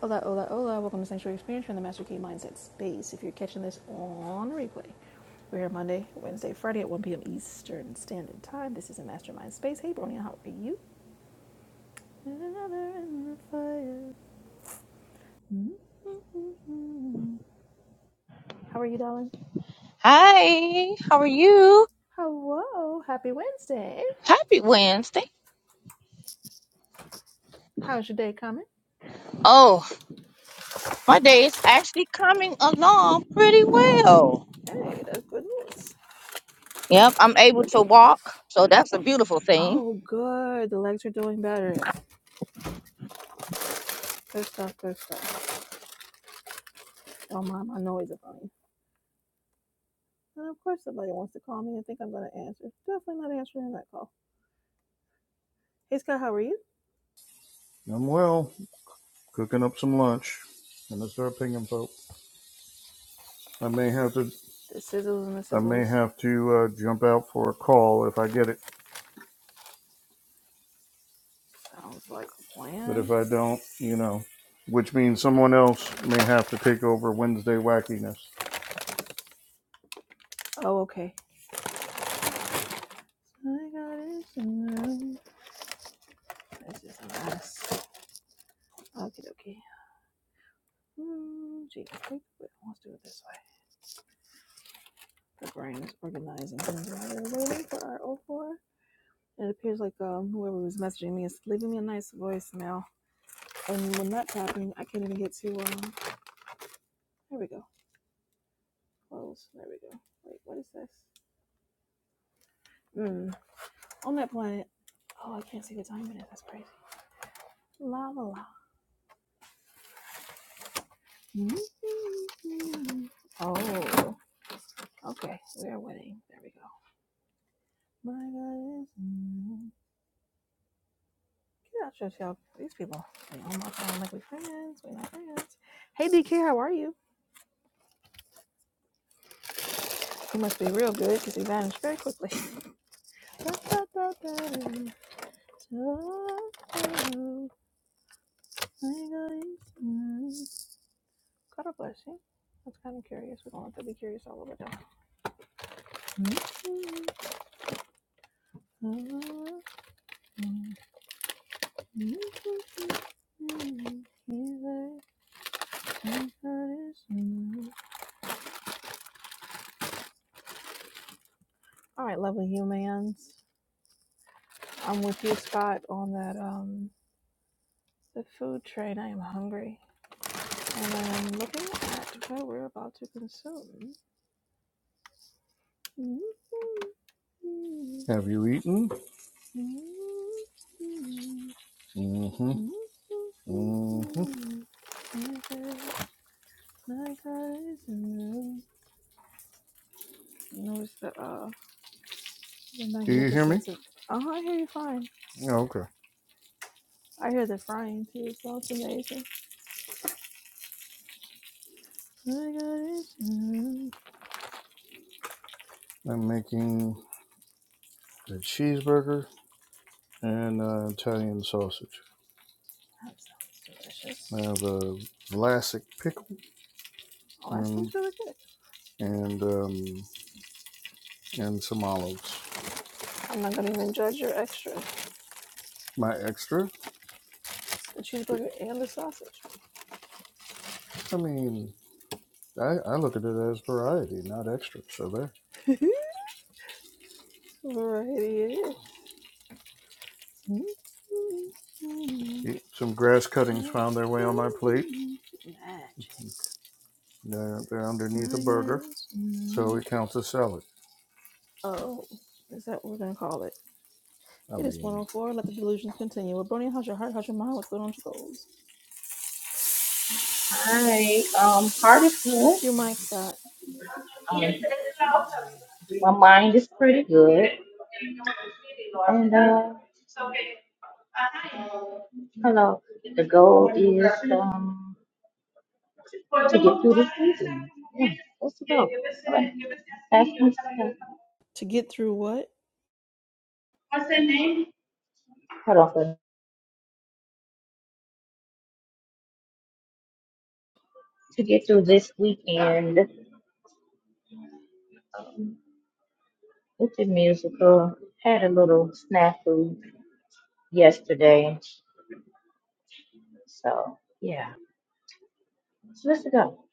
Hola, hola, hola. Welcome to Sanctuary Experience from the Master Key Mindset Space. If you're catching this on replay, we're here Monday, Wednesday, Friday at 1 p.m. Eastern Standard Time. This is a Mastermind Space. Hey, Bronya, how are you? Another in the fire. Mm-mm. How are you, darling? Hi, how are you? Hello. Happy Wednesday. Happy Wednesday. How's your day coming? Oh, my day is actually coming along pretty well. Hey, that's good news. Yep, I'm able to walk, so that's a beautiful thing. Oh, good. The legs are doing better. Good stuff, good stuff. Don't mind my noise about you. And of course, somebody wants to call me and think I'm going to answer. Definitely not answering that call. Hey Scott, how are you? I'm well, cooking up some lunch, and it's our pinging folk. I may have to, The sizzles and the I may sizzles. have to uh, jump out for a call if I get it, Sounds like a but if plan. I don't, you know, which means someone else may have to take over Wednesday wackiness. Oh, okay. I got it. This is a mess. Okay, okay. Hmm, geez, wait, wait, let's do it this way. The brain is organizing things while we're waiting for our O four. It appears like um, whoever was messaging me is leaving me a nice voicemail. And when that's happening, I can't even get to. Um, there we go. Close. There we go. Wait, what is this? Hmm. On that planet. Oh, I can't see the time in it. That's crazy. La la la. Mm-hmm. Oh, okay. We are winning. There we go. My God get out yourself. These people. They all walk around like we friends. We're not friends. Hey, DK, how are you? You must be real good because you vanished very quickly. Da, da, da, Oh, God bless you. That's kind of curious. We don't have to be curious all over time. All right, lovely humans. I'm with you, Scott, on that um the food train. I am hungry, and I'm looking at what we're about to consume. Have you eaten? Mm-hmm. Mm-hmm. Notice the uh the Do you hear me? magnificence of. Oh, I hear you fine. Oh, okay. I hear the frying too. It sounds amazing. I got it. Mm, I'm making a cheeseburger and uh, Italian sausage. That sounds I delicious. have a Vlasic pickle Oh, that and sounds really good. and um, and some olives. I'm not gonna even judge your extras. My extra? The cheeseburger and the sausage. I mean, I, I look at it as variety, not extra. So there. Variety it is. Eat- Some grass cuttings found their way on my plate. Magic. They're, they're underneath a I got burger, it. so Mm. it counts as salad. Oh, is that what we're gonna call it? I It is mean, 104. Let the delusions continue. Well, Bernie, how's your heart? How's your mind? What's going on with your goals? Hi, Your mic, Scott. um, my mind is pretty good, and uh, hello. The goal is um to get through this weekend. Yeah, that's the goal. Alright, That's what's the- To get through what? hold on for to get through this weekend with the musical. Had a little snafu yesterday. So yeah, so let's go.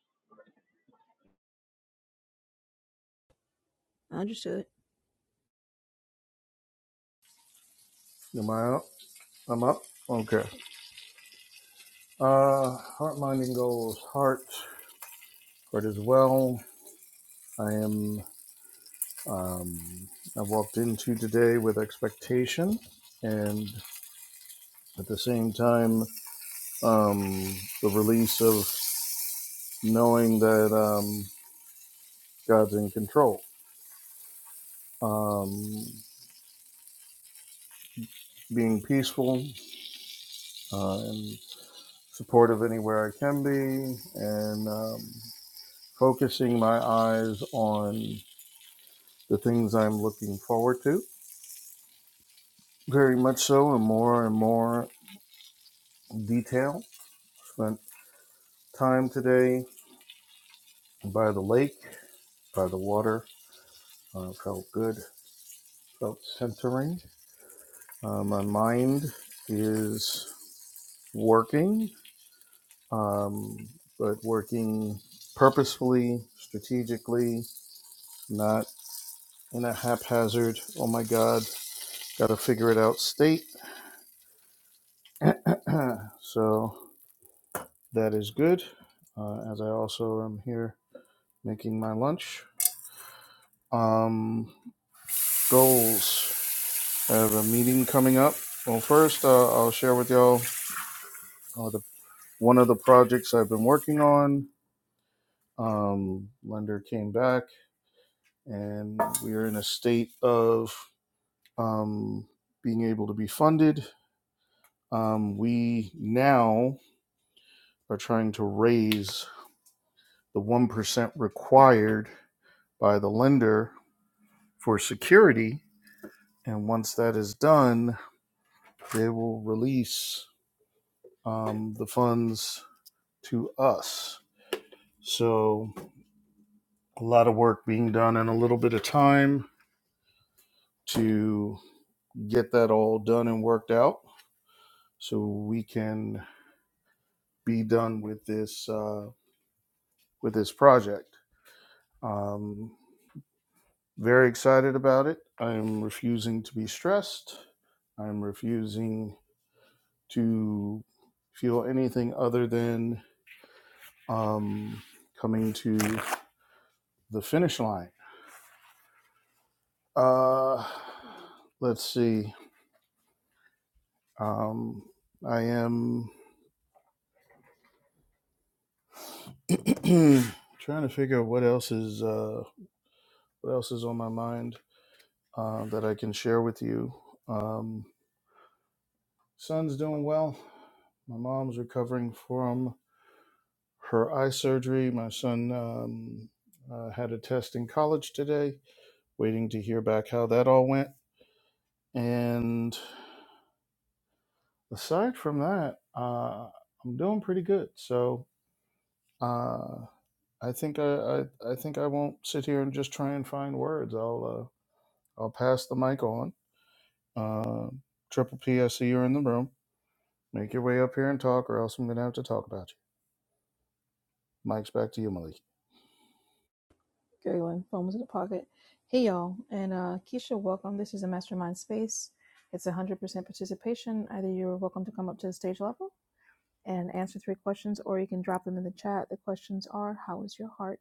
I understood. am I up? I'm up? Okay. Uh, heart, mind, goals. Heart, heart as well. I am, um, I walked into today with expectation and at the same time, um, the release of knowing that. Um, God's in control. Um, being peaceful uh, and supportive anywhere I can be, and um, focusing my eyes on the things I'm looking forward to. Very much so, in more and more detail. Spent time today by the lake, by the water. Uh, felt good, felt centering. Uh, my mind is working um, but working purposefully, strategically, not in a haphazard, oh my God, got to figure it out state. so that is good, uh, as I also am here making my lunch. Um, goals. I have a meeting coming up. Well, first, uh, I'll share with y'all uh, the, one of the projects I've been working on. Um, lender came back, and we are in a state of um, being able to be funded. Um, we now are trying to raise the 1% required by the lender for security. And once that is done, they will release um, the funds to us. So, a lot of work being done in a little bit of time to get that all done and worked out so we can be done with this uh, with this project. Um, Very excited about it. I am refusing to be stressed. I'm refusing to feel anything other than um, coming to the finish line. Uh, let's see. Um, I am trying to figure out what else is uh, what else is on my mind uh, that I can share with you. Um, son's doing well. My mom's recovering from her eye surgery. My son um, uh, had a test in college today, waiting to hear back how that all went. And aside from that, uh, I'm doing pretty good. So uh, I think I, I I think I won't sit here and just try and find words. I'll uh, I'll pass the mic on. Uh, Triple P, I see you're in the room. Make your way up here and talk, or else I'm gonna have to talk about you. Mike's back to you, Malik. Carry on. Phone was in the pocket. Hey, y'all. And uh, Keisha, welcome. This is a mastermind space. It's 100% participation. Either you're welcome to come up to the stage level and answer three questions, or you can drop them in the chat. The questions are How is your heart?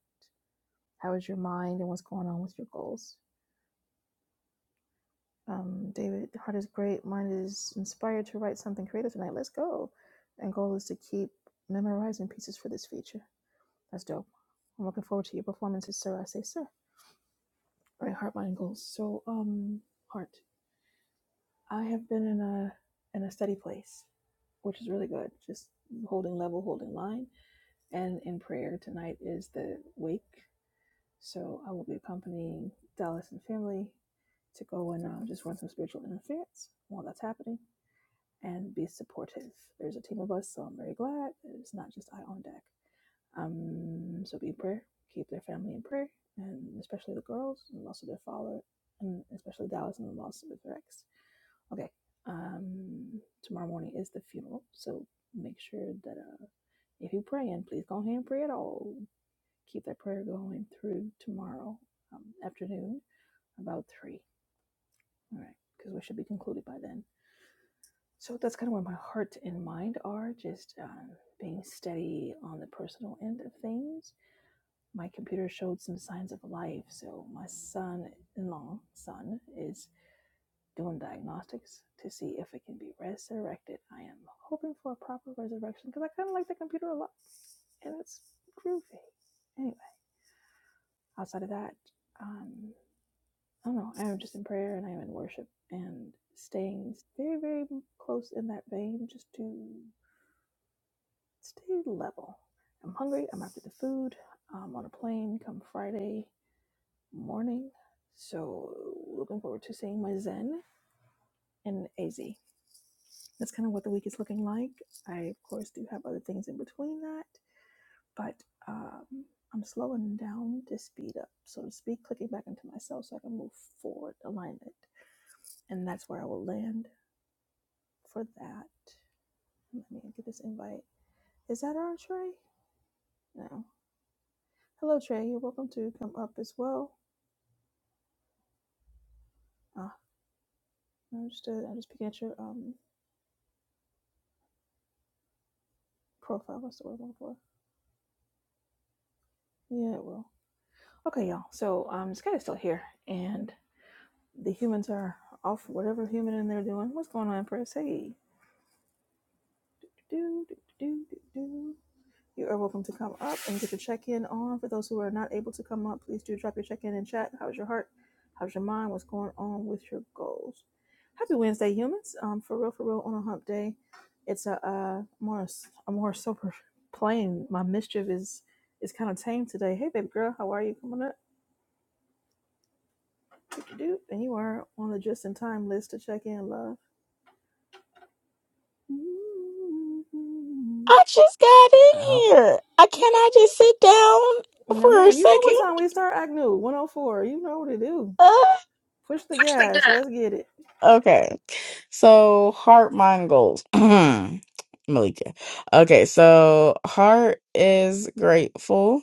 How is your mind? And what's going on with your goals? Um, David, heart is great. Mind is inspired to write something creative tonight. Let's go. And goal is to keep memorizing pieces for this feature. That's dope. I'm looking forward to your performances, sir. I say, sir. Right, heart, mind, goals. So, um, heart, I have been in a in a steady place, which is really good. Just holding level, holding line, and in prayer tonight is the wake. So I will be accompanying Dallas and family to go and uh, just run some spiritual interference while that's happening and be supportive. There's a team of us, so I'm very glad it's not just I on deck. Um, so be in prayer, keep their family in prayer, and especially the girls, and also their father, and especially Dallas and the loss of their ex. Okay, um, tomorrow morning is the funeral, so make sure that uh, if you're praying, please go ahead and pray at all. Keep that prayer going through tomorrow um, afternoon, about three. All right, because we should be concluded by then. So that's kind of where my heart and mind are, just um, being steady on the personal end of things. My computer showed some signs of life, so my son-in-law, son, is doing diagnostics to see if it can be resurrected. I am hoping for a proper resurrection because I kind of like the computer a lot, and it's groovy. Anyway, outside of that, um, I don't know. I am just in prayer and I am in worship and staying very, very close in that vein, just to Stay level. I'm hungry. I'm after the food. I'm on a plane come Friday morning. So looking forward to seeing my Zen and AZ. That's kind of what the week is looking like. I, of course, do have other things in between that, but um, I'm slowing down to speed up, so to speak, clicking back into myself so I can move forward, alignment. And that's where I will land for that. Let me get this invite. Is that our Trey? No. Hello, Trey. You're welcome to come up as well. Ah, I'm understood. I'm just picking at your um profile. What's the word I'm looking for? Yeah, it will. Okay, y'all. So um, Sky's still here, and the humans are off. Whatever human in there doing. What's going on, Press? Hey. Do do do do do. You are welcome to come up and get your check in on. For those who are not able to come up, please do drop your check in in chat. How's your heart? How's your mind? What's going on with your goals? Happy Wednesday, humans. Um, for real, for real, on a hump day. It's a uh, more a more sober plane. My mischief is is kind of tame today. Hey, baby girl, how are you? Come on up. What you Do and you are on the just in time list to check in, love. Mm-hmm. Mm-hmm. I just got in Out. here. I can I Mm-hmm. just sit down No, for a ma'am. You know what second? time we start, Agnew? 104. You know what to do. Push the gas. Let's Uh, get it. okay. So heart mind goals. Malika. Okay, so heart is grateful.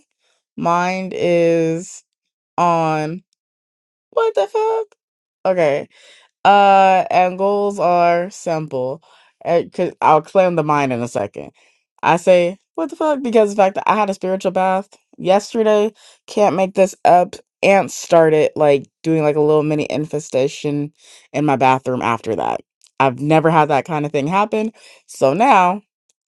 Mind is on what the fuck? Okay. Uh, and goals are simple. Uh, 'cause I'll explain the mind in a second. I say, what the fuck? Because the fact that I had a spiritual bath yesterday, can't make this up. Ants started like doing like a little mini infestation in my bathroom after that. I've never had that kind of thing happen. So now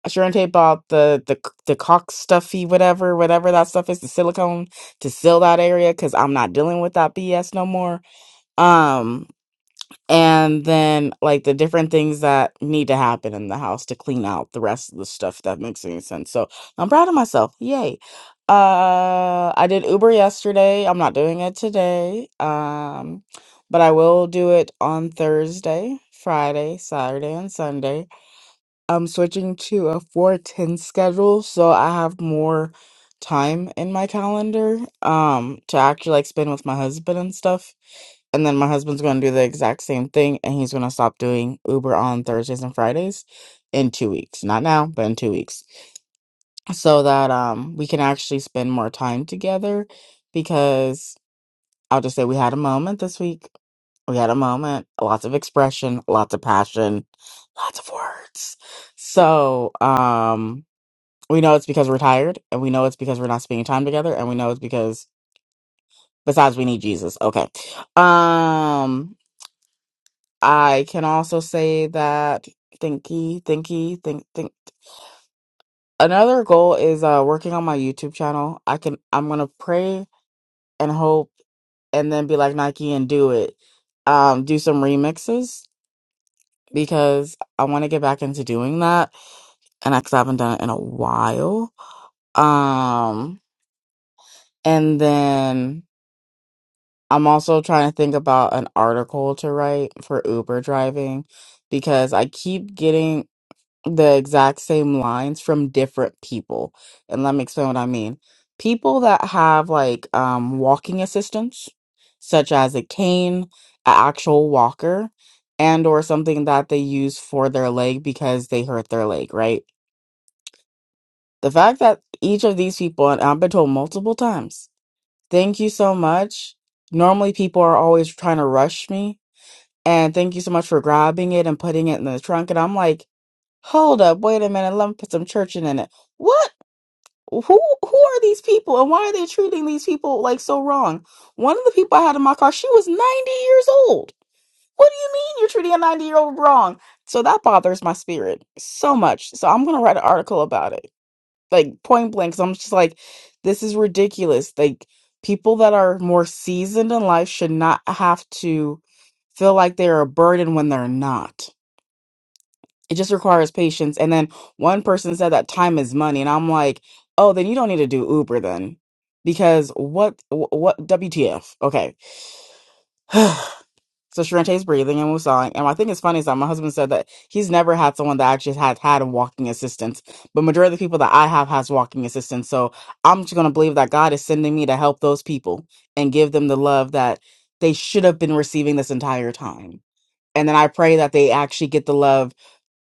I sure and tape out the the c- the caulk stuffy whatever whatever that stuff is the silicone to seal that area because I'm not dealing with that BS no more. Um and then like the different things that need to happen in the house to clean out the rest of the stuff if that makes any sense so i'm proud of myself yay uh i did uber yesterday i'm not doing it today um but i will do it on thursday friday saturday and sunday i'm switching to a 410 schedule so i have more time in my calendar um to actually like spend with my husband and stuff and then my husband's going to do the exact same thing, and he's going to stop doing Uber on Thursdays and Fridays in two weeks. Not now, but in two weeks, so that um we can actually spend more time together. Because I'll just say we had a moment this week. We had a moment, lots of expression, lots of passion, lots of words. So um we know it's because we're tired, and we know it's because we're not spending time together, and we know it's because besides we need Jesus. Okay, um. I can also say that thinky, thinky, think, think. Another goal is uh working on my YouTube channel. I can I'm gonna pray and hope and then be like Nike and do it. Um, do some remixes because I want to get back into doing that, and cause I haven't done it in a while. Um, and then I'm also trying to think about an article to write for Uber driving because I keep getting the exact same lines from different people. And let me explain what I mean. People that have like um walking assistance, such as a cane, an actual walker, and or something that they use for their leg because they hurt their leg, right? The fact that each of these people, and I've been told multiple times, thank you so much. Normally people are always trying to rush me. And thank you so much for grabbing it and putting it in the trunk. And I'm like, Hold up, wait a minute, let me put some churching in it. What? Who who are these people and why are they treating these people like so wrong? One of the people I had in my car, she was 90 years old. What do you mean you're treating a 90 year old wrong? So that bothers my spirit so much. So I'm gonna write an article about it. Like point blank, because I'm just like, this is ridiculous. Like people that are more seasoned in life should not have to feel like they're a burden when they're not it just requires patience. And then one person said that time is money, and I'm like, oh, then you don't need to do Uber then, because what wh- what WTF? Okay, so Sharente's breathing and we're sawing, and I think it's funny is that my husband said that he's never had someone that actually had had a walking assistance, but majority of the people that I have has walking assistance. So I'm just gonna believe that God is sending me to help those people and give them the love that they should have been receiving this entire time. And then I pray that they actually get the love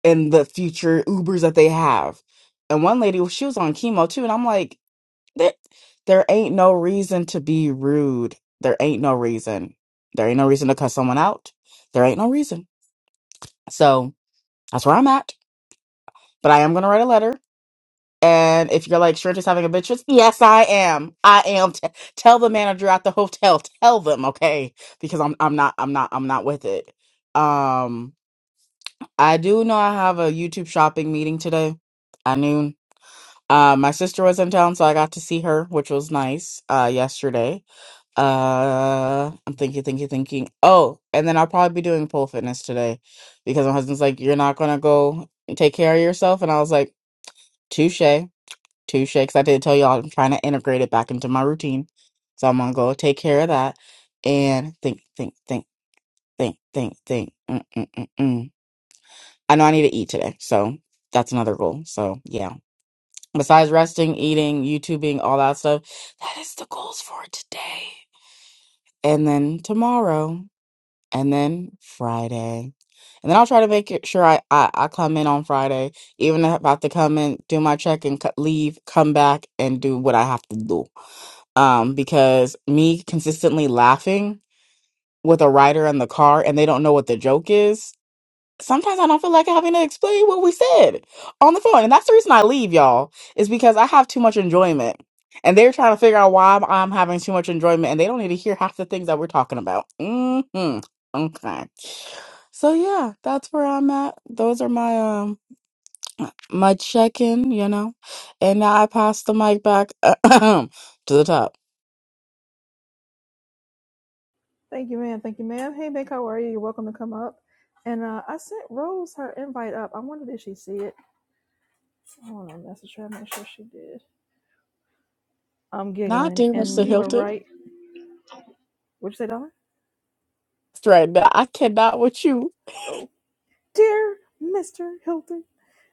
and the future Ubers that they have. And one lady, she was on chemo too, and I'm like, there, there ain't no reason to be rude. There ain't no reason. There ain't no reason to cuss someone out. There ain't no reason. So that's where I'm at. But I am gonna write a letter. And if you're like, sure, just having a bitch, fit," yes, I am. I am. T- tell the manager at the hotel. Tell them, okay? Because I'm, I'm not, I'm not, I'm not with it. Um, I do know I have a YouTube shopping meeting today at noon Uh, my sister was in town, so I got to see her, which was nice. Uh, yesterday. Uh, I'm thinking, thinking, thinking. Oh, and then I'll probably be doing pole fitness today, because my husband's like, "You're not gonna go and take care of yourself," and I was like, "Touche, touche," because I did tell y'all I'm trying to integrate it back into my routine, so I'm gonna go take care of that and think, think, think, think, think, think. Mm-mm-mm-mm. I know I need to eat today, so that's another goal. So yeah. Besides resting, eating, YouTubing, all that stuff, that is the goals for today. And then tomorrow, and then Friday. And then I'll try to make it sure I, I, I come in on Friday, even if I have to come in, do my check and co- leave, come back and do what I have to do. Um, because me consistently laughing with a rider in the car and they don't know what the joke is sometimes I don't feel like having to explain what we said on the phone. And that's the reason I leave, y'all, is because I have too much enjoyment. And they're trying to figure out why I'm, I'm having too much enjoyment and they don't need to hear half the things that we're talking about. hmm Okay. So yeah, that's where I'm at. Those are my um my check-in, you know. And now I pass the mic back to the top. Thank you, ma'am. Thank you, ma'am. Hey, Mick, how are you? You're welcome to come up. And uh, I sent Rose her invite up. I wonder did she see it? I want to message her. Make sure she did. I'm Not giggling, dear and Mr. you are Hilton. right. What'd you say, Donna? Right now, I cannot with you. Oh, dear Mr. Hilton.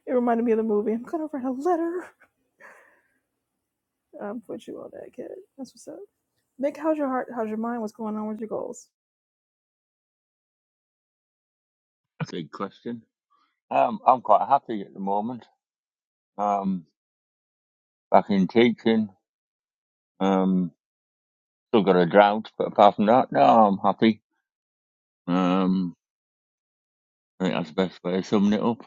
It reminded me of the movie. I'm gonna write a letter. I'm put you on that, kid. That's what's up. Mick, how's your heart? How's your mind? What's going on with your goals? Big question. Um, I'm quite happy at the moment. Um, back in teaching. Um, still got a drought, but apart from that, no, I'm happy. Um, I think that's the best way of summing it up.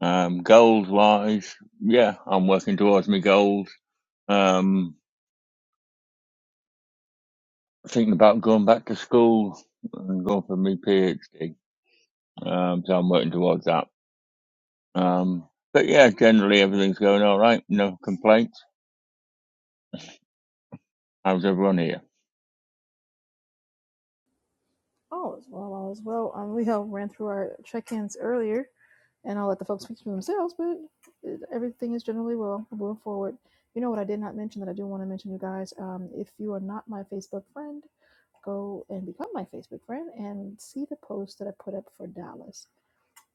Um, goals wise, yeah, I'm working towards my goals. Um, thinking about going back to school and going for my PhD. Um, so I'm working towards that. Um, but yeah, generally everything's going all right. No complaints. How's everyone here? All is well. All is well. Um, we have ran through our check-ins earlier, and I'll let the folks speak for themselves. But it, everything is generally well. We're moving forward. You know what I did not mention that I do want to mention, you guys. Um, if you are not my Facebook friend, go and become my Facebook friend and see the post that I put up for Dallas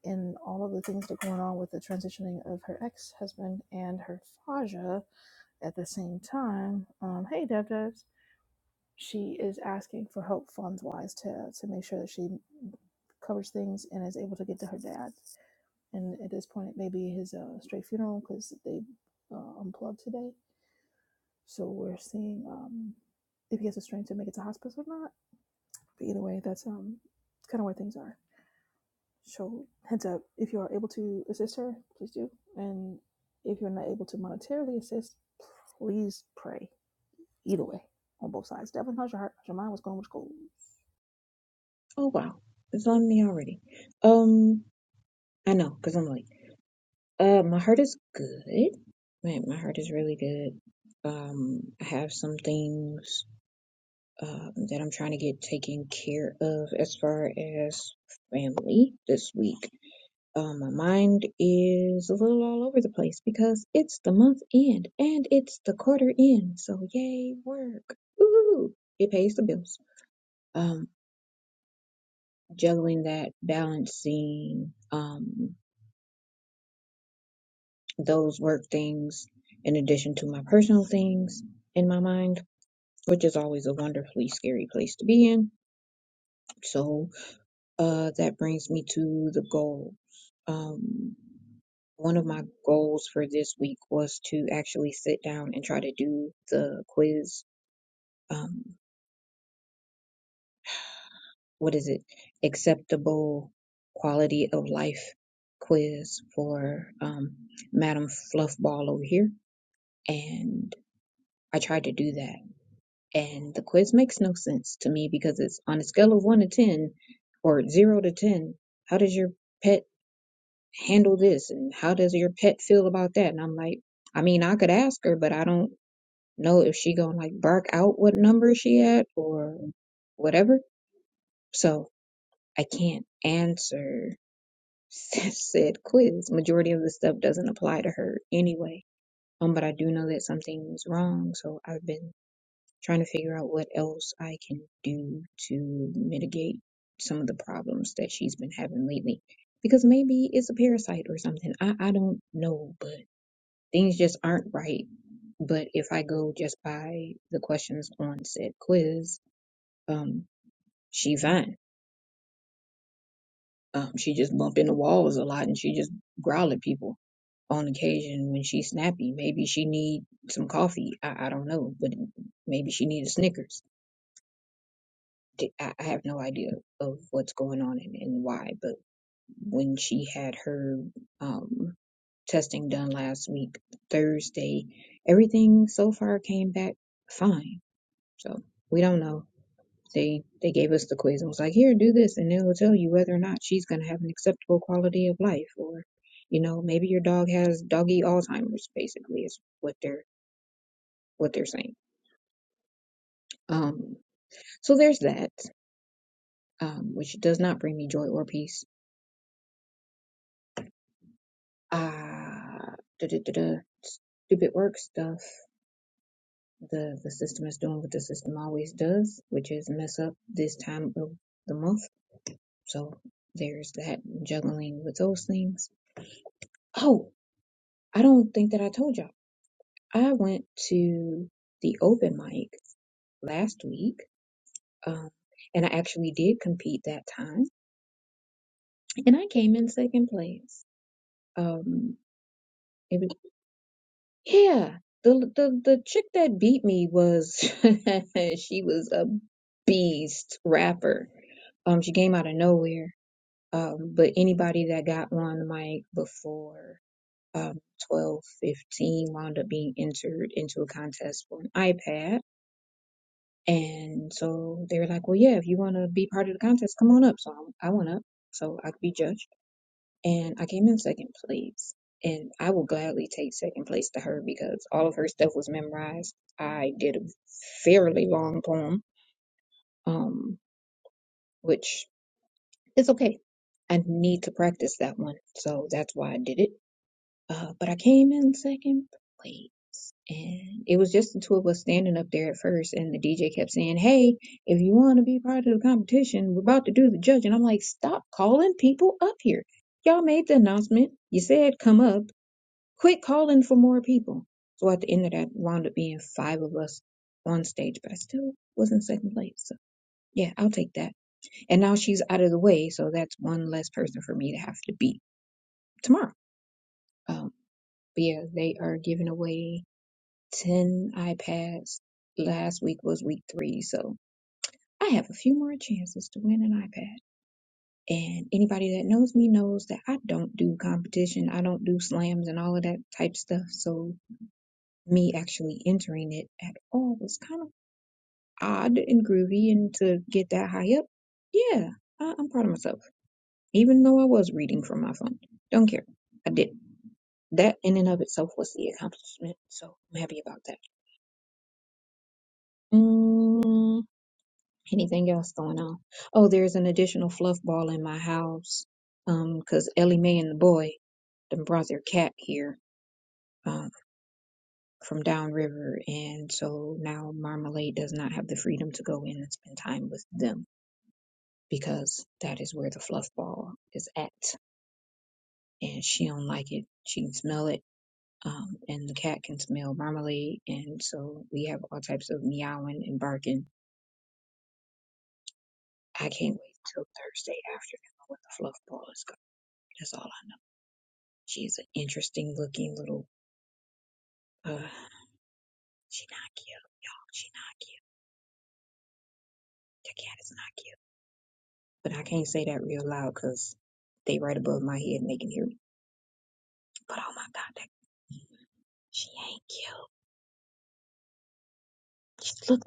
and all of the things that are going on with the transitioning of her ex-husband and her Faja at the same time. Um, hey, Dev devs. she is asking for help funds wise to to make sure that she covers things and is able to get to her dad. And at this point, it may be his uh, straight funeral because they uh, unplugged today. So we're seeing um, if he has the strength to make it to hospice or not. But either way, that's um kind of where things are. So heads up, if you are able to assist her, please do. And if you're not able to monetarily assist, please pray. Either way, on both sides. definitely how's your heart? How's your mind? What's going on with goals? Oh wow, it's on me already. Um, I know, cause I'm like, uh, my heart is good. Man, my heart is really good. Um, I have some things uh, that I'm trying to get taken care of as far as family this week. Uh, my mind is a little all over the place because it's the month end and it's the quarter end. So yay, work. Woo! It pays the bills. Um, juggling that, balancing. Um, those work things in addition to my personal things in my mind, which is always a wonderfully scary place to be in. So uh, that brings me to the goal. Um, one of my goals for this week was to actually sit down and try to do the quiz. Um, what is it? Acceptable quality of life quiz for um, Madam Fluffball over here. And I tried to do that. And the quiz makes no sense to me because it's on a scale of one to 10 or zero to 10. How does your pet handle this? And how does your pet feel about that? And I'm like, I mean, I could ask her, but I don't know if she gonna like bark out what number she at or whatever. So I can't answer said quiz. Majority of the stuff doesn't apply to her anyway. Um, but I do know that something's wrong. So I've been trying to figure out what else I can do to mitigate some of the problems that she's been having lately. Because maybe it's a parasite or something. I, I don't know, but things just aren't right. But if I go just by the questions on said quiz, um, she fine. Um, she just bump into walls a lot and she just growl at people on occasion when she's snappy. Maybe she need some coffee. I, I don't know, but maybe she need a Snickers di- I I have no idea of what's going on and, and why, but when she had her um, testing done last week, Thursday, everything so far came back fine. So we don't know. They they gave us the quiz and was like, here, do this, and it'll tell you whether or not she's gonna have an acceptable quality of life, or you know, maybe your dog has doggy Alzheimer's. Basically, is what they're what they're saying. Um, so there's that, um, which does not bring me joy or peace Uh, duh-duh-duh-duh. stupid work stuff. The the system is doing what the system always does, which is mess up this time of the month. So there's that juggling with those things. Oh, I don't think that I told y'all. I went to the open mic last week, um, and I actually did compete that time, and I came in second place. Um, it Yeah, the the the chick that beat me was she was a beast rapper. Um, she came out of nowhere. Um, but anybody that got on the mic before um 12, fifteen wound up being entered into a contest for an iPad. And so they were like, "Well, yeah, if you want to be part of the contest, come on up." So I, I went up, so I could be judged and I came in second place. And I will gladly take second place to her because all of her stuff was memorized. I did a fairly long poem, um, which is okay. I need to practice that one, so that's why I did it. Uh, but I came in second place, and it was just the two of us standing up there at first, and the DJ kept saying, "Hey, if you want to be part of the competition, we're about to do the judge." And I'm like, "Stop calling people up here." Y'all made the announcement. You said come up Quit calling for more people. So at the end of that, wound up being five of us on stage, but I still was in second place. So yeah, I'll take that. And now she's out of the way, so that's one less person for me to have to beat tomorrow. Um, but yeah, they are giving away 10 iPads. Last week was week three, so I have a few more chances to win an iPad. And anybody that knows me knows that I don't do competition. I don't do slams and all of that type stuff. So me actually entering it at all was kind of odd and groovy and to get that high up yeah I, i'm proud of myself even though i was reading from my phone don't care i did that in and of itself was the accomplishment so i'm happy about that mm, anything else going on oh there's an additional fluff ball in my house um because ellie mae and the boy them brought their cat here um from downriver, and so now Marmalade does not have the freedom to go in and spend time with them because that is where the fluff ball is at and she don't like it she can smell it um, and the cat can smell marmalade and so we have all types of meowing and barking i can't wait till thursday afternoon when the fluff ball is gone that's all i know she's an interesting looking little uh she not cute y'all she not cute the cat is not cute but i can't say that real loud because they right above my head and they can hear me but oh my god that she ain't cute. She look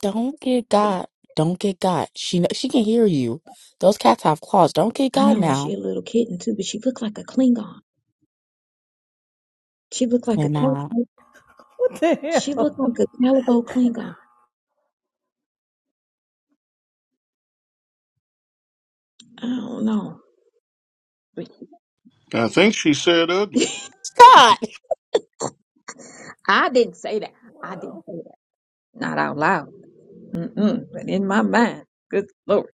Don't get got. Don't get got. She kn- she can hear you. Those cats have claws. Don't get I got know and she now. a little kitten too, but she looked like a Klingon. She looked like a Cannot. Cal- Damn. she looked like a Calico Klingon. I don't know. But I think she said ugly. Scott, I didn't say that. I didn't Wow. say that. Not out loud. Mm-mm. But in my mind. Good lord.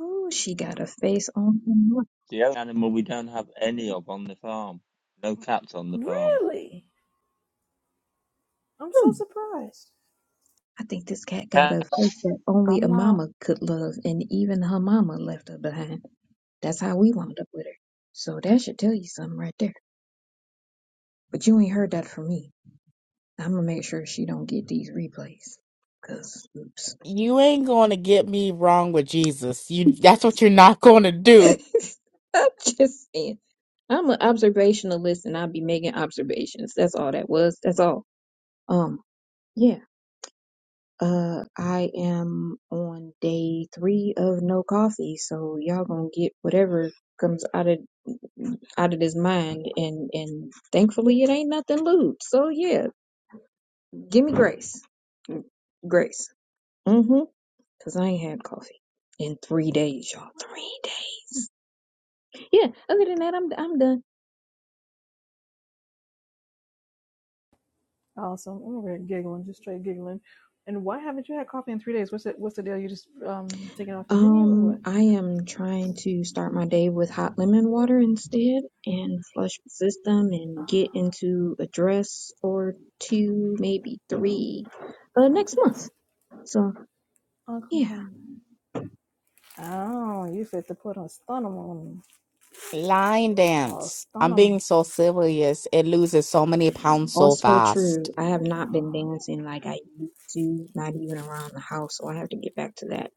Ooh, she got a face on her mom. So The only animal we don't have any of on the farm. No cats on the farm. Really? I'm so surprised. I think this cat got Cat. a face that only I'm a not. mama could love, and even her mama left her behind. That's how we wound up with her. So that should tell you something right there. But you ain't heard that from me. I'm gonna make sure she don't get these replays. Cause oops. You ain't going to get me wrong with Jesus. You. That's what you're not going to do. I'm just saying. I'm an observationalist and I'll be making observations. That's all that was. That's all. Um yeah. Uh I am on day three of no coffee, so y'all gonna get whatever comes out of out of this mind and and thankfully it ain't nothing lewd. So yeah, give me grace. Grace. Mm-hmm. Cause I ain't had coffee in three days, y'all. Three days. Yeah. Other than that, I'm I'm done. Awesome. I'm over here giggling, just straight giggling. And why haven't you had coffee in three days? What's the, what's the deal? You just um taking it off the menu or what? Um, I am trying to start my day with hot lemon water instead, and flush the system, Oh and get into a dress or two, maybe three, uh, next month. So Uncle yeah. Glenn. Oh, you fit to put a stunum on me. Line Oh, dance. I'm being stunum. so serious. It loses so many pounds so Also fast. true. I have not been Oh, dancing like I used to, not even around the house. So I have to get back to that.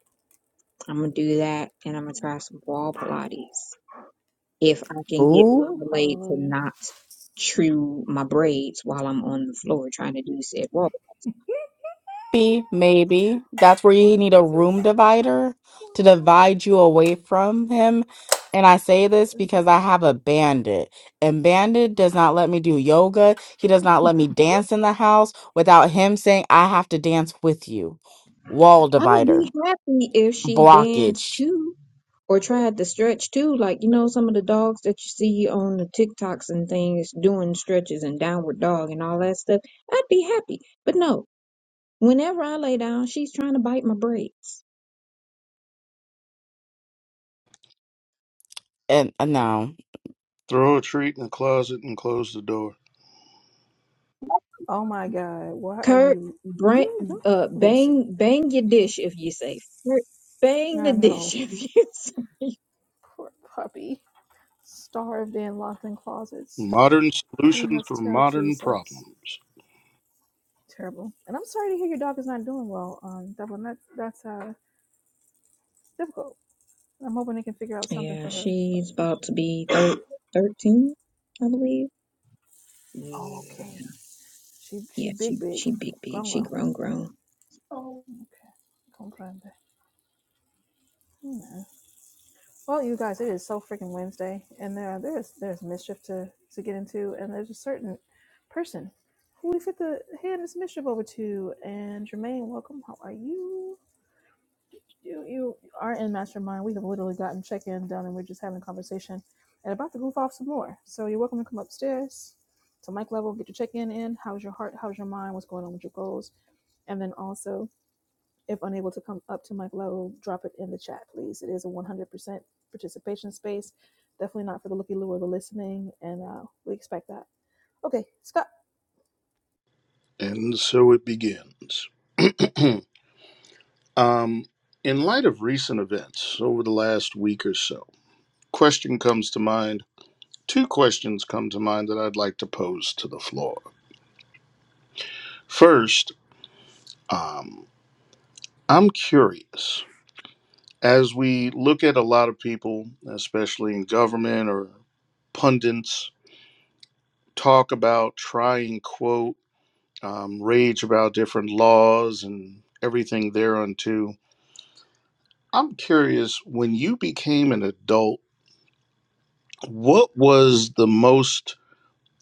I'm gonna do that, and I'm gonna try some wall Pilates. if I can get Oh, Marmalade to hallelujah. not chew my braids while I'm on the floor trying to do said walk. Maybe, maybe. That's where you Why, need a Jesus? room divider to Why, Lord? divide you away from him. And I say this because I have a bandit, and bandit does not let me do yoga. He does not let me dance in the house without him saying, I have to dance with you. Wall I'd divider, be happy if she danced blockage. too or tried to stretch too. Like, you know, some of the dogs that you see on the TikToks and things doing stretches and downward dog and all that stuff. I'd be happy. But no, whenever I lay down, she's trying to bite my braids. And uh, no. Throw a treat in the closet and close the door. Oh, my God. Why are Kurt, you? bra You, you uh, listen. bang, bang your dish if you are safe. Kurt, bang the I dish know. if you are safe. Poor puppy. Starved and locked in closets. Modern We solutions for must tell modern Jesus. problems. Terrible. And I'm sorry to hear your dog is not doing well, um, Devlin. That that's uh difficult. I'm hoping they can figure out something Yeah, for her. she's about to be thir- 13, I believe. Oh, Yeah, okay. She she yeah, big she big. she big big, Grown she grown. grown grown. Okay. Comprende. Yeah. Well, you guys, it is so freaking Wednesday, and there there's there's mischief to to get into, and there's a certain person who we fit the hand this mischief over to. And Jermaine, welcome. How are you? you you are in mastermind. We have literally gotten check in done, and we're just having a conversation and about to goof off some more. So you're welcome to come upstairs to mic level, get your check in in. How's your heart? How's your mind? What's going on with your goals? And then also, if unable to come up to mic level, drop it in the chat, please. It is a 100% participation space. Definitely not for the looky loo or the listening, and uh, we expect that. Okay, Scott. And so it begins. um, in light of recent events over the last week or so, question comes to mind. Two questions come to mind that I'd like to pose to the floor. First, um, I'm curious. As we look at a lot of people, especially in government or pundits, talk about try and quote um, rage about different laws and everything thereunto. I'm curious, when you became an adult, what was the most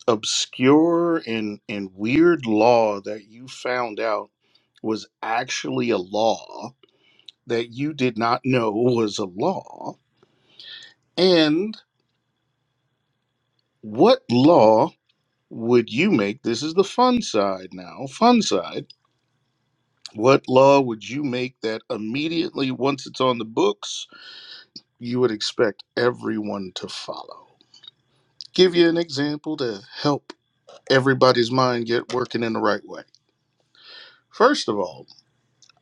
obscure and, and weird law that you found out was actually a law that you did not know was a law? And what law would you make? This is the fun side now, fun side. What law would you make that immediately, once it's on the books, you would expect everyone to follow. Give you an example to help everybody's mind get working in the right way. First of all,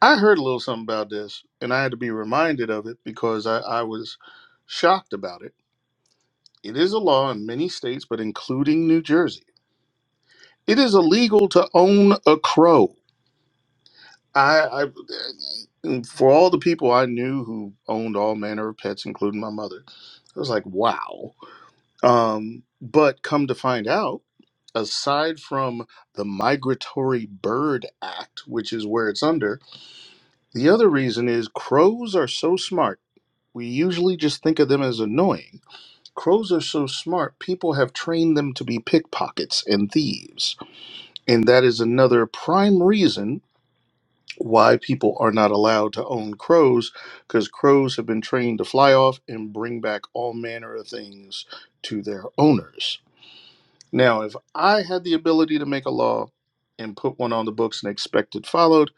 I heard a little something about this and I had to be reminded of it because I, I was shocked about it. It is a law in many states, but including New Jersey. It is illegal to own a crow. I, I for all the people I knew who owned all manner of pets, including my mother, I was like, wow Um, but come to find out, aside from the Migratory Bird Act, which is where it's under, the other reason is crows are so smart. We usually just think of them as annoying. Crows are so smart, people have trained them to be pickpockets and thieves. And that is another prime reason why people are not allowed to own crows, because crows have been trained to fly off and bring back all manner of things to their owners. Now, if I had the ability to make a law and put one on the books and expect it followed,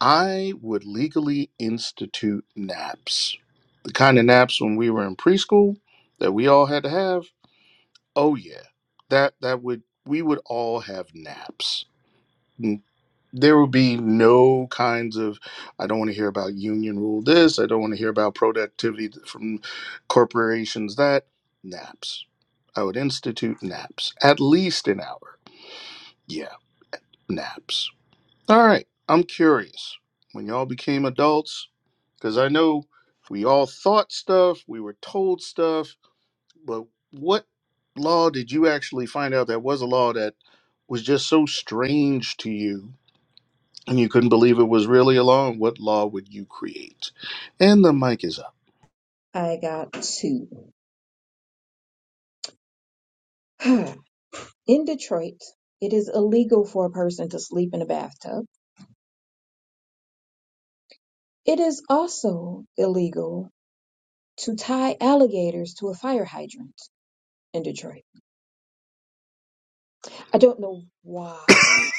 I would legally institute naps. The kind of naps when we were in preschool that we all had to have. Oh yeah. That that would we would all have naps. N- There would be no kinds of I don't want to hear about union rule this, I don't want to hear about productivity th- from corporations that naps. I would institute naps at least an hour. Yeah. naps. All right, I'm curious. When y'all became adults, because I know we all thought stuff, we were told stuff, but what law did you actually find out that was a law that was just so strange to you and you couldn't believe it was really a law? And what law would you create? And the mic is up. I got two. In Detroit, it is illegal for a person to sleep in a bathtub. It is also illegal to tie alligators to a fire hydrant in Detroit. I don't know why.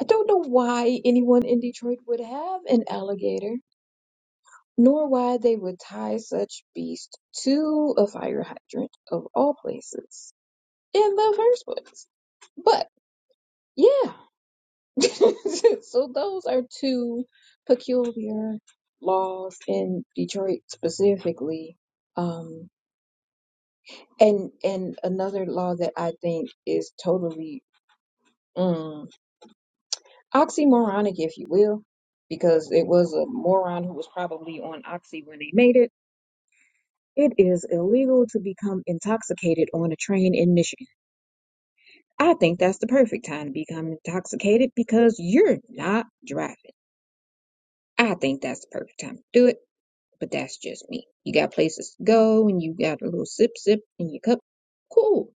I don't know why anyone in Detroit would have an alligator. nor why they would tie such beast to a fire hydrant of all places in the first place. But yeah, so those are two peculiar laws in Detroit specifically. Um, and and another law that I think is totally mm, oxymoronic, if you will, because it was a moron who was probably on oxy when they made it It is illegal to become intoxicated on a train in Michigan. I think that's the perfect time to become intoxicated because you're not driving. I think that's the perfect time to do it, but that's just me. You got places to go and you got a little sip sip in your cup. Cool.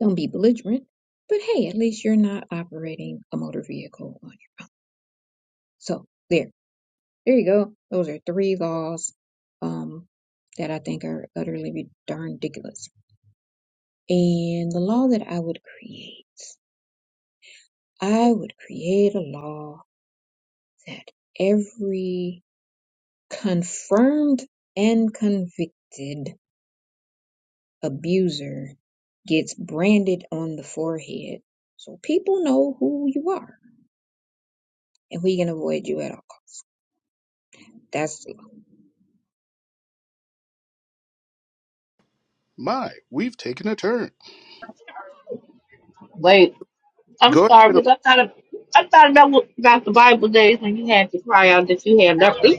Don't be belligerent. But hey, at least you're not operating a motor vehicle on you. So there. There you go. Those are three laws um that I think are utterly darn ridiculous. And the law that I would create, I would create a law that every confirmed and convicted abuser gets branded on the forehead so people know who you are and we can avoid you at all That's it. My, we've taken a turn. Wait, I'm Go sorry ahead. because I thought of, I thought that was about the Bible days when you had to cry out that you had nothing.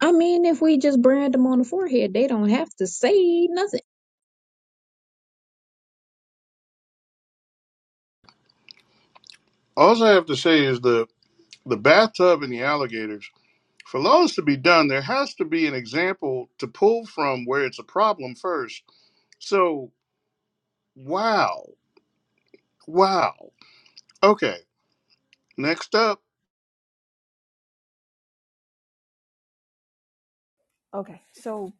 I mean, if we just brand them on the forehead, they don't have to say nothing. All I have to say is the the bathtub and the alligators. For loans to be done, there has to be an example to pull from where it's a problem first. So, wow, wow. Okay, next up, Okay, so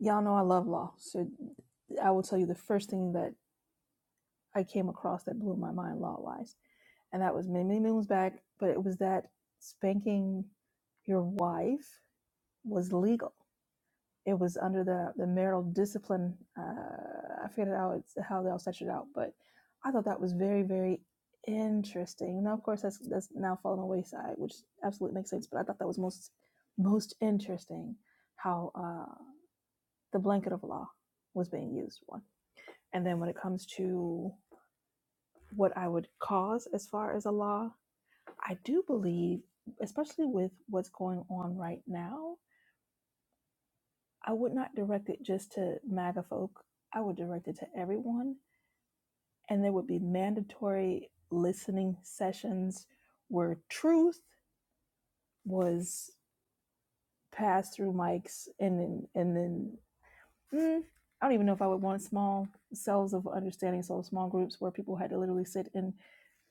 y'all know I love law, so I will tell you the first thing that I came across that blew my mind law wise. And that was many, many moons back, but it was that spanking your wife was legal. It was under the, the marital discipline. Uh, I forget how it's how they all set it out, but I thought that was very, very interesting. Now, of course, that's that's now fallen away wayside, which absolutely makes sense. But I thought that was most most interesting how uh, the blanket of law was being used. One, and then when it comes to what I would cause as far as a law. I do believe, especially with what's going on right now, I would not direct it just to MAGA folk. I would direct it to everyone. And there would be mandatory listening sessions where truth was passed through mics and then, and then, mm, I don't even know if I would want small cells of understanding, so small groups where people had to literally sit and,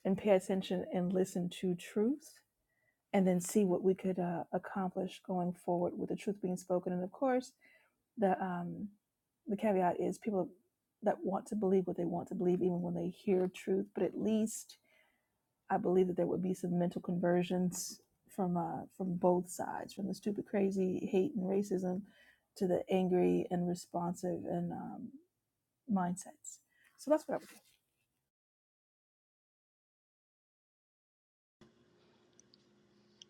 and pay attention and listen to truth and then see what we could uh, accomplish going forward with the truth being spoken. And of course, the um, the caveat is people that want to believe what they want to believe, even when they hear truth. But at least I believe that there would be some mental conversions from uh, from both sides, from the stupid, crazy hate and racism to the angry and responsive and um, mindsets. So that's what I would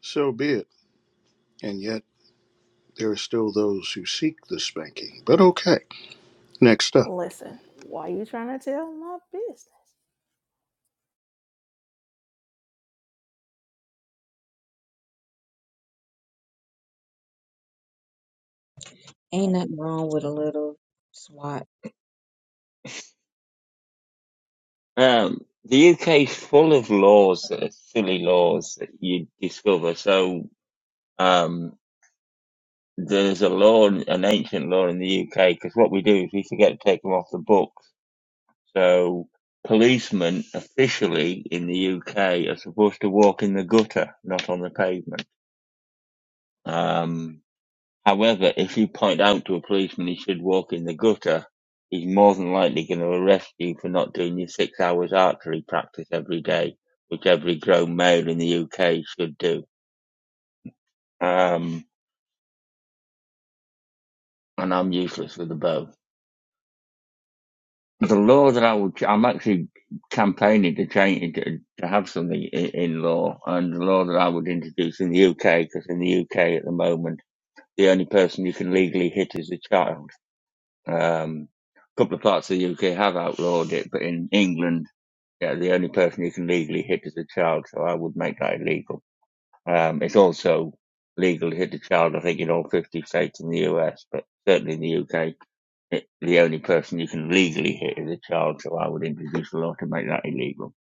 so be it. And yet, there are still those who seek the spanking. But okay, next up, do. Listen, why are you trying to tell my business? Ain't nothing wrong with a little swat. Um, the UK is full of laws that are silly laws that you discover. So um, there's a law, an ancient law in the UK, because what we do is we forget to take them off the books. So policemen officially in the UK are supposed to walk in the gutter, not on the pavement. Um, However, if you point out to a policeman he should walk in the gutter, he's more than likely going to arrest you for not doing your six hours archery practice every day, which every grown male in the UK should do. Um, and I'm useless with a bow. The law that I would, ch- I'm actually campaigning to change to, to have something in, in law, and the law that I would introduce in the UK, because in the UK at the moment the only person you can legally hit is a child Um, a couple of parts of the UK have outlawed it, but in England, yeah, the only person you can legally hit is a child, so I would make that illegal. Um, it's also legal to hit a child, I think, in all 50 states in the US, but certainly in the UK, it, the only person you can legally hit is a child, so I would introduce a law to make that illegal.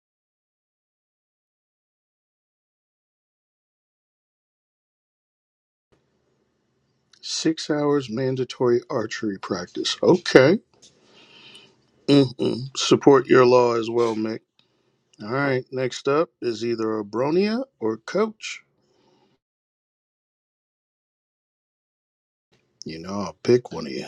six hours mandatory archery practice. Okay, mm-mm. support your law as well, Mick. All right, next up is either Abronia or Coach. You know, I'll pick one of you.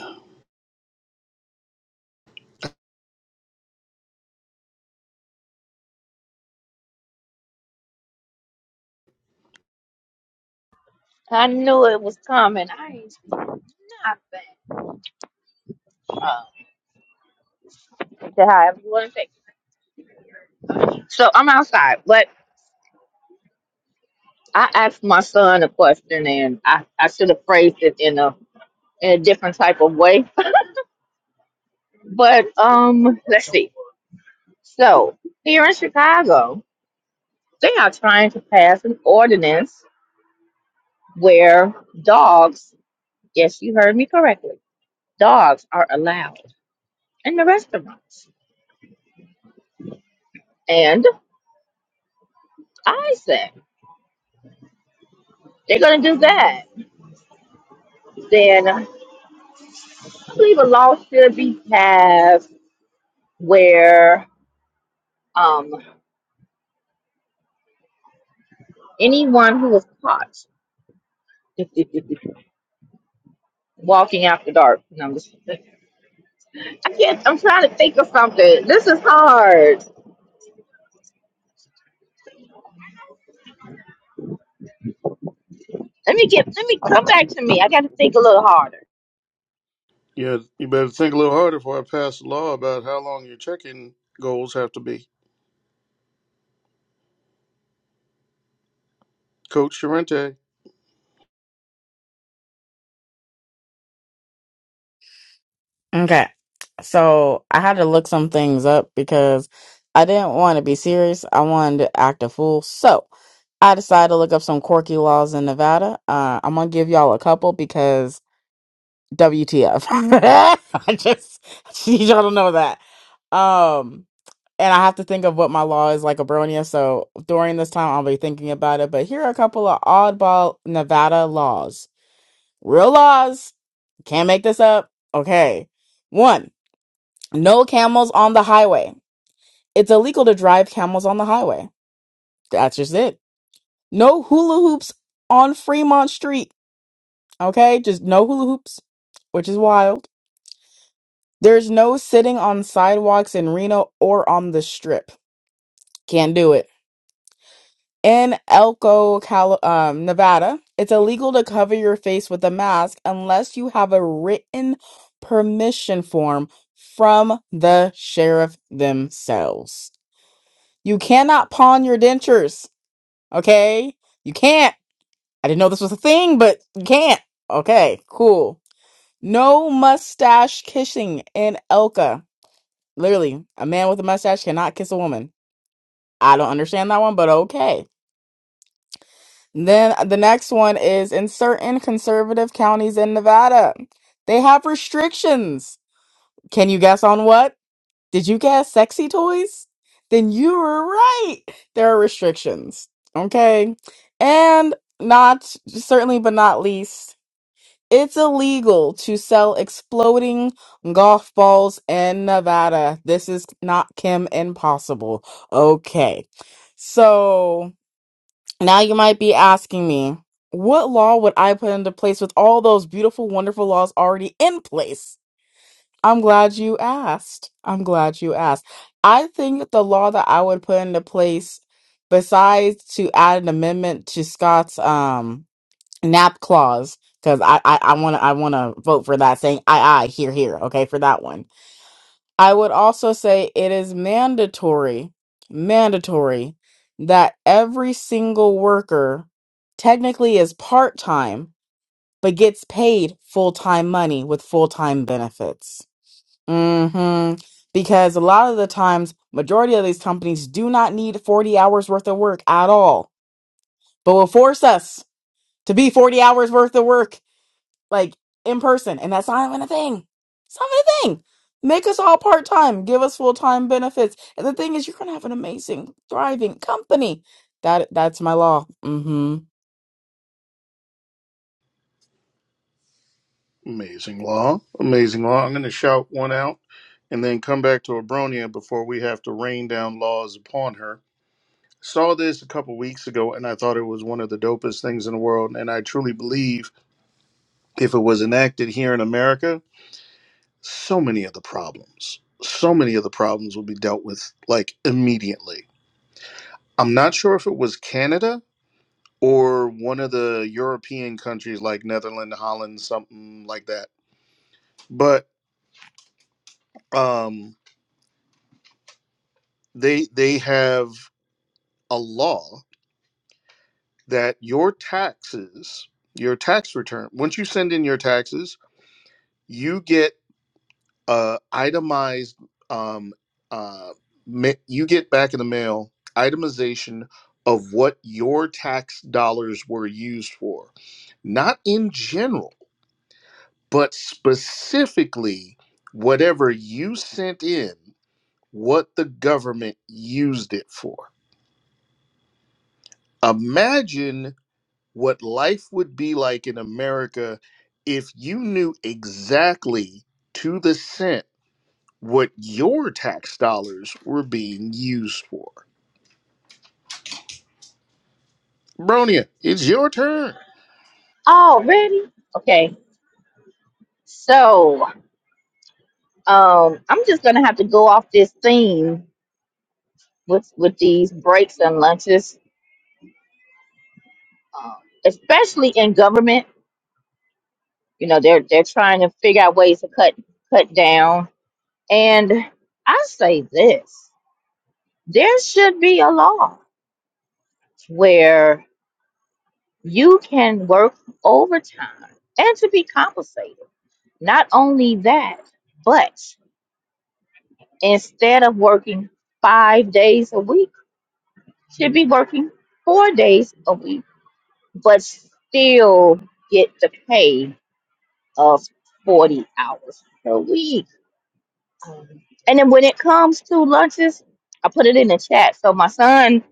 I knew it was coming. I know. Okay, however you want to take. it. So I'm outside, but I asked my son a question, and I I should have phrased it in a in a different type of way. But um, let's see. So here in Chicago, they are trying to pass an ordinance where dogs. Yes, you heard me correctly Dogs are allowed in the restaurants. And I said they're going to do that. Then I believe a law should be passed where um, anyone who was caught walking after dark. No, I'm just, I can't. I'm trying to think of something. This is hard. Let me get. Let me come back to me. I got to think a little harder. Yeah, you better think a little harder before I pass a law about how long your checking goals have to be. Coach Sorrente, Okay. So I had to look some things up because I didn't want to be serious. I wanted to act a fool. So I decided to look up some quirky laws in Nevada. Uh, I'm going to give y'all a couple because WTF. I just, I just need y'all to know that. Um, and I have to think of what my law is like a bronia. So during this time, I'll be thinking about it. But here are a couple of oddball Nevada laws. Real laws. Can't make this up. Okay. One. No camels on the highway. It's illegal to drive camels on the highway. That's just it. No hula hoops on Fremont Street. Okay? Just no hula hoops, which is wild. There's no sitting on sidewalks in Reno or on the strip. Can't do it. In Elko, Cal- um, Nevada, it's illegal to cover your face with a mask unless you have a written permission form from the sheriff themselves. You cannot pawn your dentures. Okay? You can't. I didn't know this was a thing, but you can't. Okay, cool. No mustache kissing in Elka. Literally, a man with a mustache cannot kiss a woman. I don't understand that one, but okay. Then uh, the next one is in certain conservative counties in Nevada, they have restrictions. Can you guess on what? Did you guess sexy toys? Then you were right. There are restrictions. Okay. And not certainly, but not least. It's illegal to sell exploding golf balls in Nevada. This is not Kim Impossible. Okay. So now you might be asking me, what law would I put into place with all those beautiful, wonderful laws already in place? I'm glad you asked. I'm glad you asked. I think the law that I would put into place, besides to add an amendment to Scott's um nap clause because I I want to I want to vote for that saying I I here here okay for that one. I would also say it is mandatory mandatory that every single worker technically is part time but gets paid full time money with full time benefits. Hmm. Because a lot of the times, majority of these companies do not need forty hours worth of work at all, but will force us to be forty hours worth of work like in person, and that's not even a thing. It's not even a thing. Make us all part time, give us full time benefits, and the thing is, you're gonna have an amazing, thriving company. That that's my law. Mm-hmm. amazing law, amazing law. I'm going to shout one out and then come back to Abronia before we have to rain down laws upon her. Saw this a couple weeks ago and I thought it was one of the dopest things in the world. And I truly believe if it was enacted here in America, so many of the problems, so many of the problems would be dealt with like immediately. I'm not sure if it was Canada or one of the European countries like Netherlands, Holland, something like that. But um, they they have a law that your taxes, your tax return, once you send in your taxes, you get uh, itemized. Um, uh, ma- you get back in the mail itemization of what your tax dollars were used for, not in general but specifically whatever you sent in, what the government used it for. Imagine what life would be like in America if you knew exactly to the cent what your tax dollars were being used for. Bronia, it's your turn. Oh, ready? Okay. So, um, I'm just gonna have to go off this theme with with these breaks and lunches, um, especially in government. You know, they're they're trying to figure out ways to cut cut down. And I say this: there should be a law where you can work overtime and to be compensated. Not only that, but instead of working five days a week, should be working four days a week, but still get the pay of 40 hours per week. And then when it comes to lunches, I put it in the chat. So my son,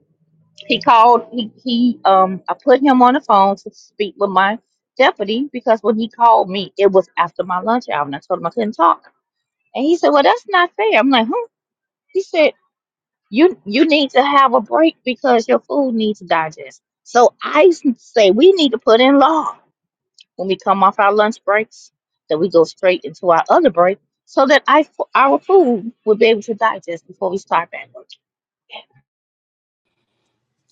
he called, he, he um I put him on the phone to speak with my deputy because when he called me, it was after my lunch hour and I told him I couldn't talk. And he said, Well, that's not fair. I'm like, huh? He said, You you need to have a break because your food needs to digest. So I s- say we need to put in laws when we come off our lunch breaks, that we go straight into our other break so that I, our food will be able to digest before we start back work.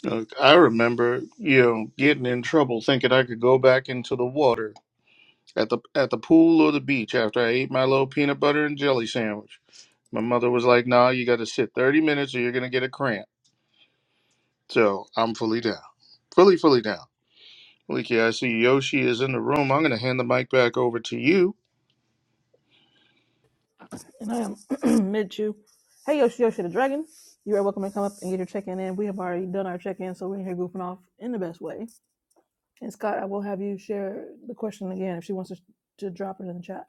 Look, I remember, you know, getting in trouble thinking I could go back into the water at the at the pool or the beach after I ate my little peanut butter and jelly sandwich. My mother was like, "Nah, you got to sit 30 minutes or you're gonna get a cramp." So I'm fully down, fully fully down. Leaky, I see Yoshi is in the room. I'm gonna hand the mic back over to you. And I am mid you. Hey, Yoshi Yoshi the Dragon. You are welcome to come up and get your check in. And we have already done our check in, so we're here goofing off in the best way. And Scott, I will have you share the question again if she wants to, to drop it in the chat.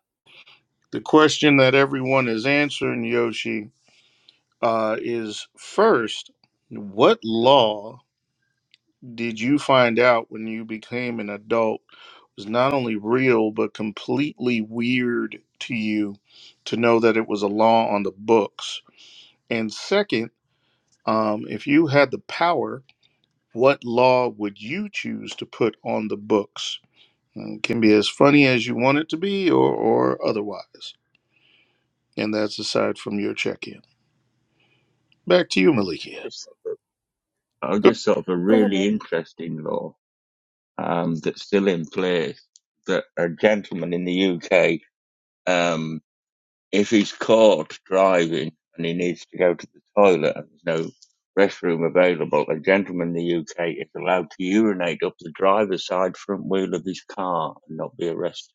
The question that everyone is answering, Yoshi, uh, is first, what law? did you find out when you became an adult was not only real but completely weird to you to know that it was a law on the books and second um, if you had the power what law would you choose to put on the books Uh, it can be as funny as you want it to be or, or otherwise and that's aside from your check-in back to you malikia Just sort of, oh, Good. Thank. just sort of a Go ahead, really Mick. interesting law um, that's still in place that a gentleman in the UK. if he's caught driving and he needs to go to the toilet and there's no restroom available, a gentleman in the UK is allowed to urinate up the driver's side front wheel of his car and not be arrested.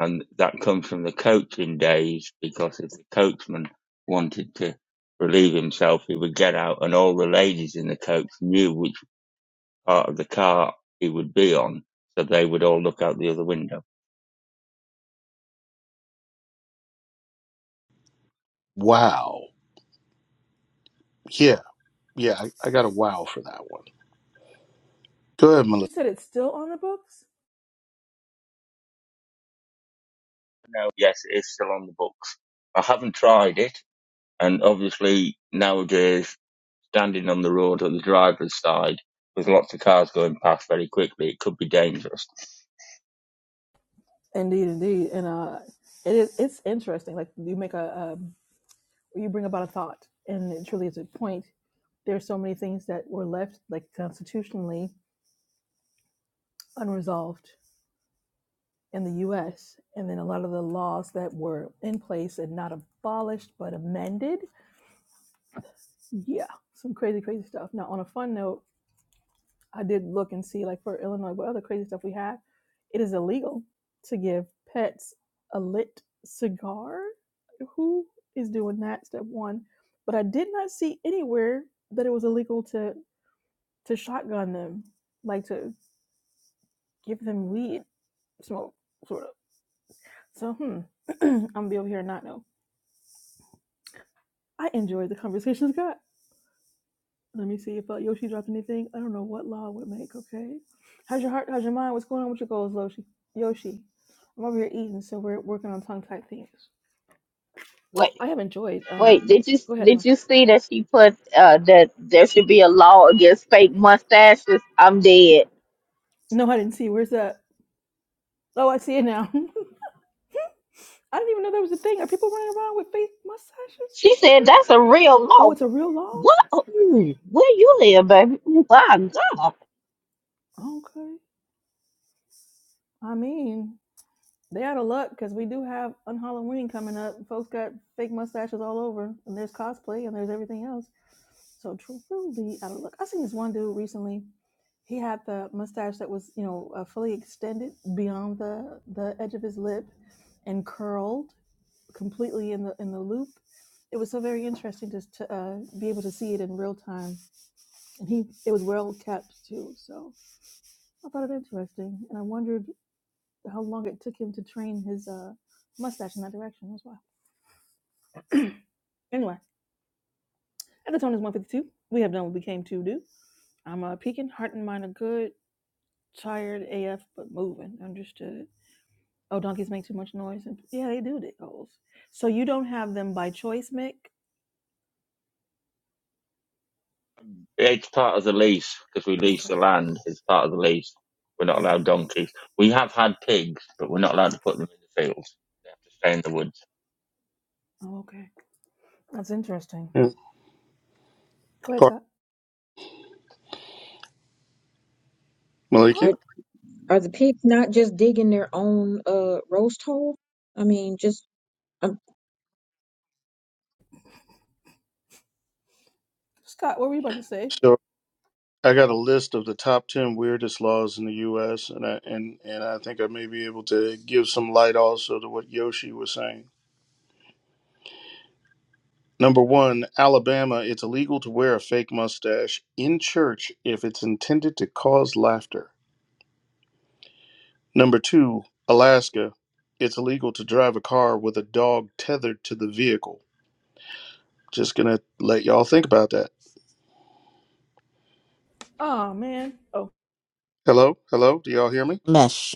And that comes from the coaching days because if the coachman wanted to relieve himself, he would get out and all the ladies in the coach knew which part of the car he would be on. So they would all look out the other window. wow yeah yeah I, I got a wow for that one go ahead malikia You said it's still on the books. No, yes, it is still on the books. I haven't tried it And obviously nowadays, standing on the road on the driver's side with lots of cars going past very quickly, it could be dangerous. Indeed, indeed, and uh, it is. It's interesting. Like you make a, um, you bring about a thought, and it truly is a point. There's so many things that were left like constitutionally unresolved in the US. And then a lot of the laws that were in place and not abolished but amended. Yeah, some crazy, crazy stuff. Now, on a fun note, I did look and see, like for Illinois, what other crazy stuff we have. It is illegal to give pets a lit cigar. Who is doing that? Step one. But I did not see anywhere that it was illegal to to shotgun them, like to give them weed smoke, sort of. So, hmm, I'm gonna be over here and not know. I enjoyed the conversations got. Let me see if uh, Yoshi dropped anything. I don't know what law would make. Okay, how's your heart? How's your mind? What's going on with your goals, Yoshi? Yoshi, I'm over here eating, so we're working on tongue tied things. Wait, I have enjoyed. wait, Um, did you go ahead, ma. did you see that she put uh that there should be a law against fake mustaches? I'm dead. No, I didn't see. Where's that? Oh, I see it now. I didn't even know that was a thing. Are people running around with fake mustaches? She Like for said real? that's a real Oh, law. it's a real law. What? Oh, Mm, Where you live, baby? Oh, My God. Okay. I mean, they out of luck because we do have on Halloween coming up. Folks got fake mustaches all over, and there's cosplay, and there's everything else. So truly I don't look. I seen this one dude recently. He had the mustache that was, you know, uh, fully extended beyond the the edge of his lip, and curled completely in the in the loop. It was so very interesting just to uh, be able to see it in real time, and he it was well kept too. So I thought it interesting, and I wondered how long it took him to train his uh, mustache in that direction as well. Anyway, at the tone is one fifty two. We have done what we came to do. I'm uh, peeking, heart and mind are good. tired AF but moving. Understood. Oh, donkeys make too much noise. And, yeah, they do. They goals. So you don't have them by choice, Mick. It's part of the lease because we lease Okay. the land. It's part of the lease. We're not Okay. allowed donkeys. We have had pigs, but we're not allowed to put them in the fields. They have to stay in the woods. Oh, okay. That's interesting. Mm. Go ahead, Par- Scott. malikia Huh? Are are the pigs not just digging their own uh roast hole? I mean, just Scott, what were you about to say? So I got a list of the top ten weirdest laws in the U.S. and I, and and I think I may be able to give some light also to what Yoshi was saying. Number one, Alabama, it's illegal to wear a fake mustache in church if it's intended to cause laughter. Number two, Alaska, it's illegal to drive a car with a dog tethered to the vehicle. Just gonna let y'all think about that. Oh man. Oh, Hello, hello, do y'all hear me? Mesh.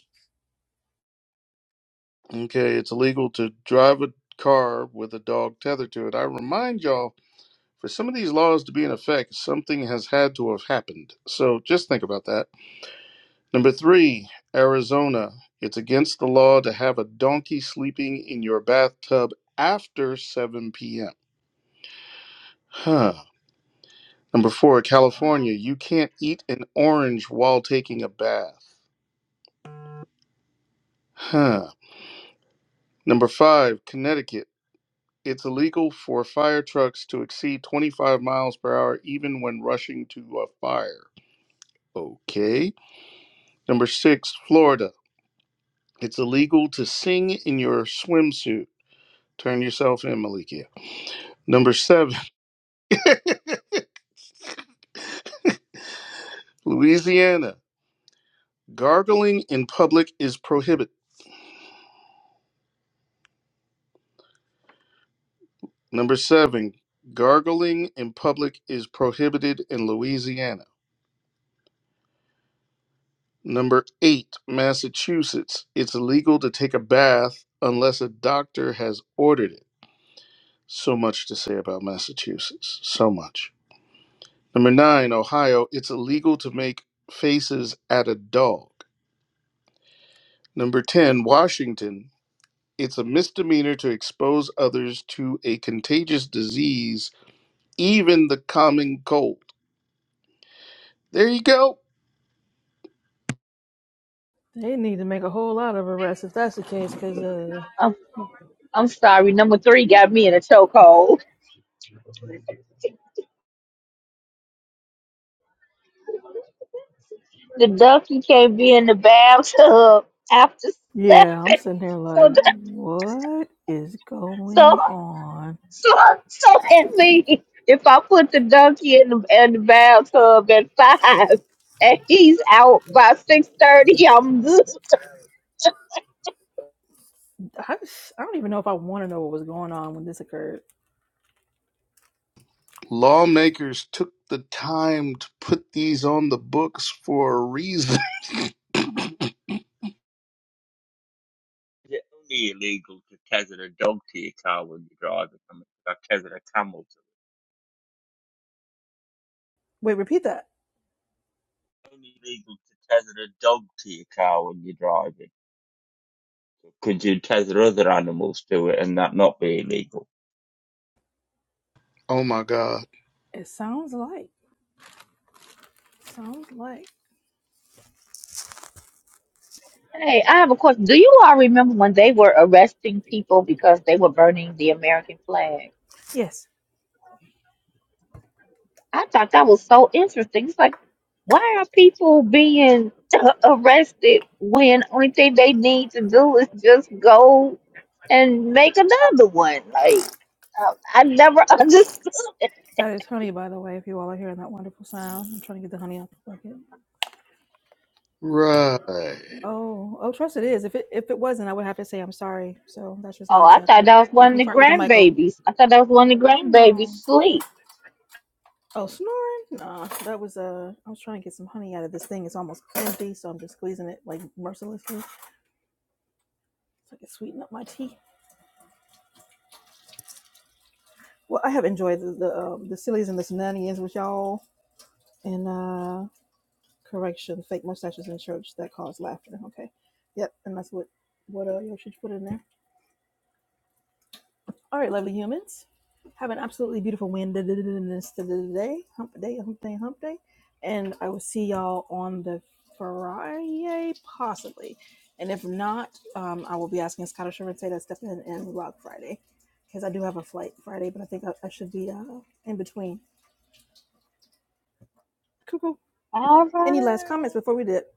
Okay, it's illegal to drive a car with a dog tethered to it. I remind y'all For some of these laws to be in effect, something has had to have happened. So just think about that. Number three, Arizona. It's against the law to have a donkey sleeping in your bathtub after 7 p.m. Huh. Number four, California. You can't eat an orange while taking a bath. Huh. Number five, Connecticut. It's illegal for fire trucks to exceed 25 miles per hour even when rushing to a fire. Okay. Number six, Florida. It's illegal to sing in your swimsuit. Turn yourself in, Malikia. Number seven, Louisiana. Gargling in public is prohibited. Number seven, gargling in public is prohibited in Louisiana. Number eight, Massachusetts. It's illegal to take a bath unless a doctor has ordered it. So much to say about Massachusetts. So much. Number nine, Ohio. It's illegal to make faces at a dog. Number 10, Washington. It's a misdemeanor to expose others to a contagious disease, even the common cold. There you go. they need to make a whole lot of arrests if that's the case. Cause uh, I'm, I'm sorry. Number three got me in a chokehold. The donkey can't be in the bathtub after yeah, I'm seven. sitting here So like, that. what is so going on? So, so at least if I put the donkey in the, in the bathtub at five and he's out by six thirty, I'm good. I just, I don't even know if I want to know what was going on when this occurred. Lawmakers took the time to put these on the books for a reason. Is it only illegal to tether a dog to your car when you're driving? I mean, I tethered a camel to it. Wait, repeat that. It's Only illegal to tether a dog to your car when you're driving. Could you tether other animals to it and that not be illegal? Oh my God. It sounds like. Sounds like. Hey, I have a question. Do you all remember when they were arresting people because they were burning the American flag? Yes, I thought that was so interesting. It's like, why are people being arrested when only thing they need to do is just go and make another one? Like, I, I never understood. that is honey, by the way. If you all are hearing that wonderful sound, I'm trying to get the honey out the bucket. Right. Oh, oh, trust it is. If it if it wasn't, I would have to say I'm sorry. So that's just a Oh, heads I up. thought But that was if one of you the fart with the mic open, grandbabies. I thought that was one of the oh grandbabies. no, Sleep. oh snoring. Nah, that was uh, I was trying to get some honey out of this thing. It's almost empty, so I'm just squeezing it like mercilessly so I can sweeten up my tea. Well, I have enjoyed the the, um, the sillies and the shenanigans with y'all, and uh, correction, fake mustaches in church that cause laughter. Okay, yep, and that's what what uh, you put in there. All right, lovely humans. Have an absolutely beautiful Wednesday, day, hump day, hump day, hump day. And I will see y'all on the Friday, possibly. And if not, um, I will be asking Scottish Sherman Say to step in and rock Friday because I do have a flight Friday, but I think I, I should be uh, in between. Cuckoo. All Any last comments right. before we dip?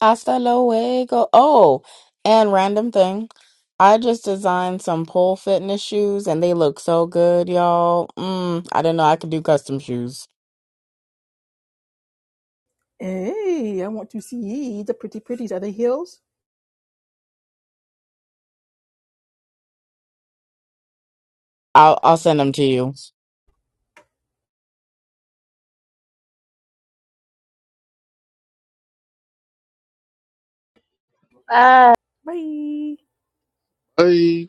Hasta luego. Oh, and random thing. I just designed some pole fitness shoes, and they look so good, y'all. Mm, I didn't know I could do custom shoes. Hey, I want to see the pretty pretties. Are they heels? I'll I'll send them to you. Bye. Bye. Bye.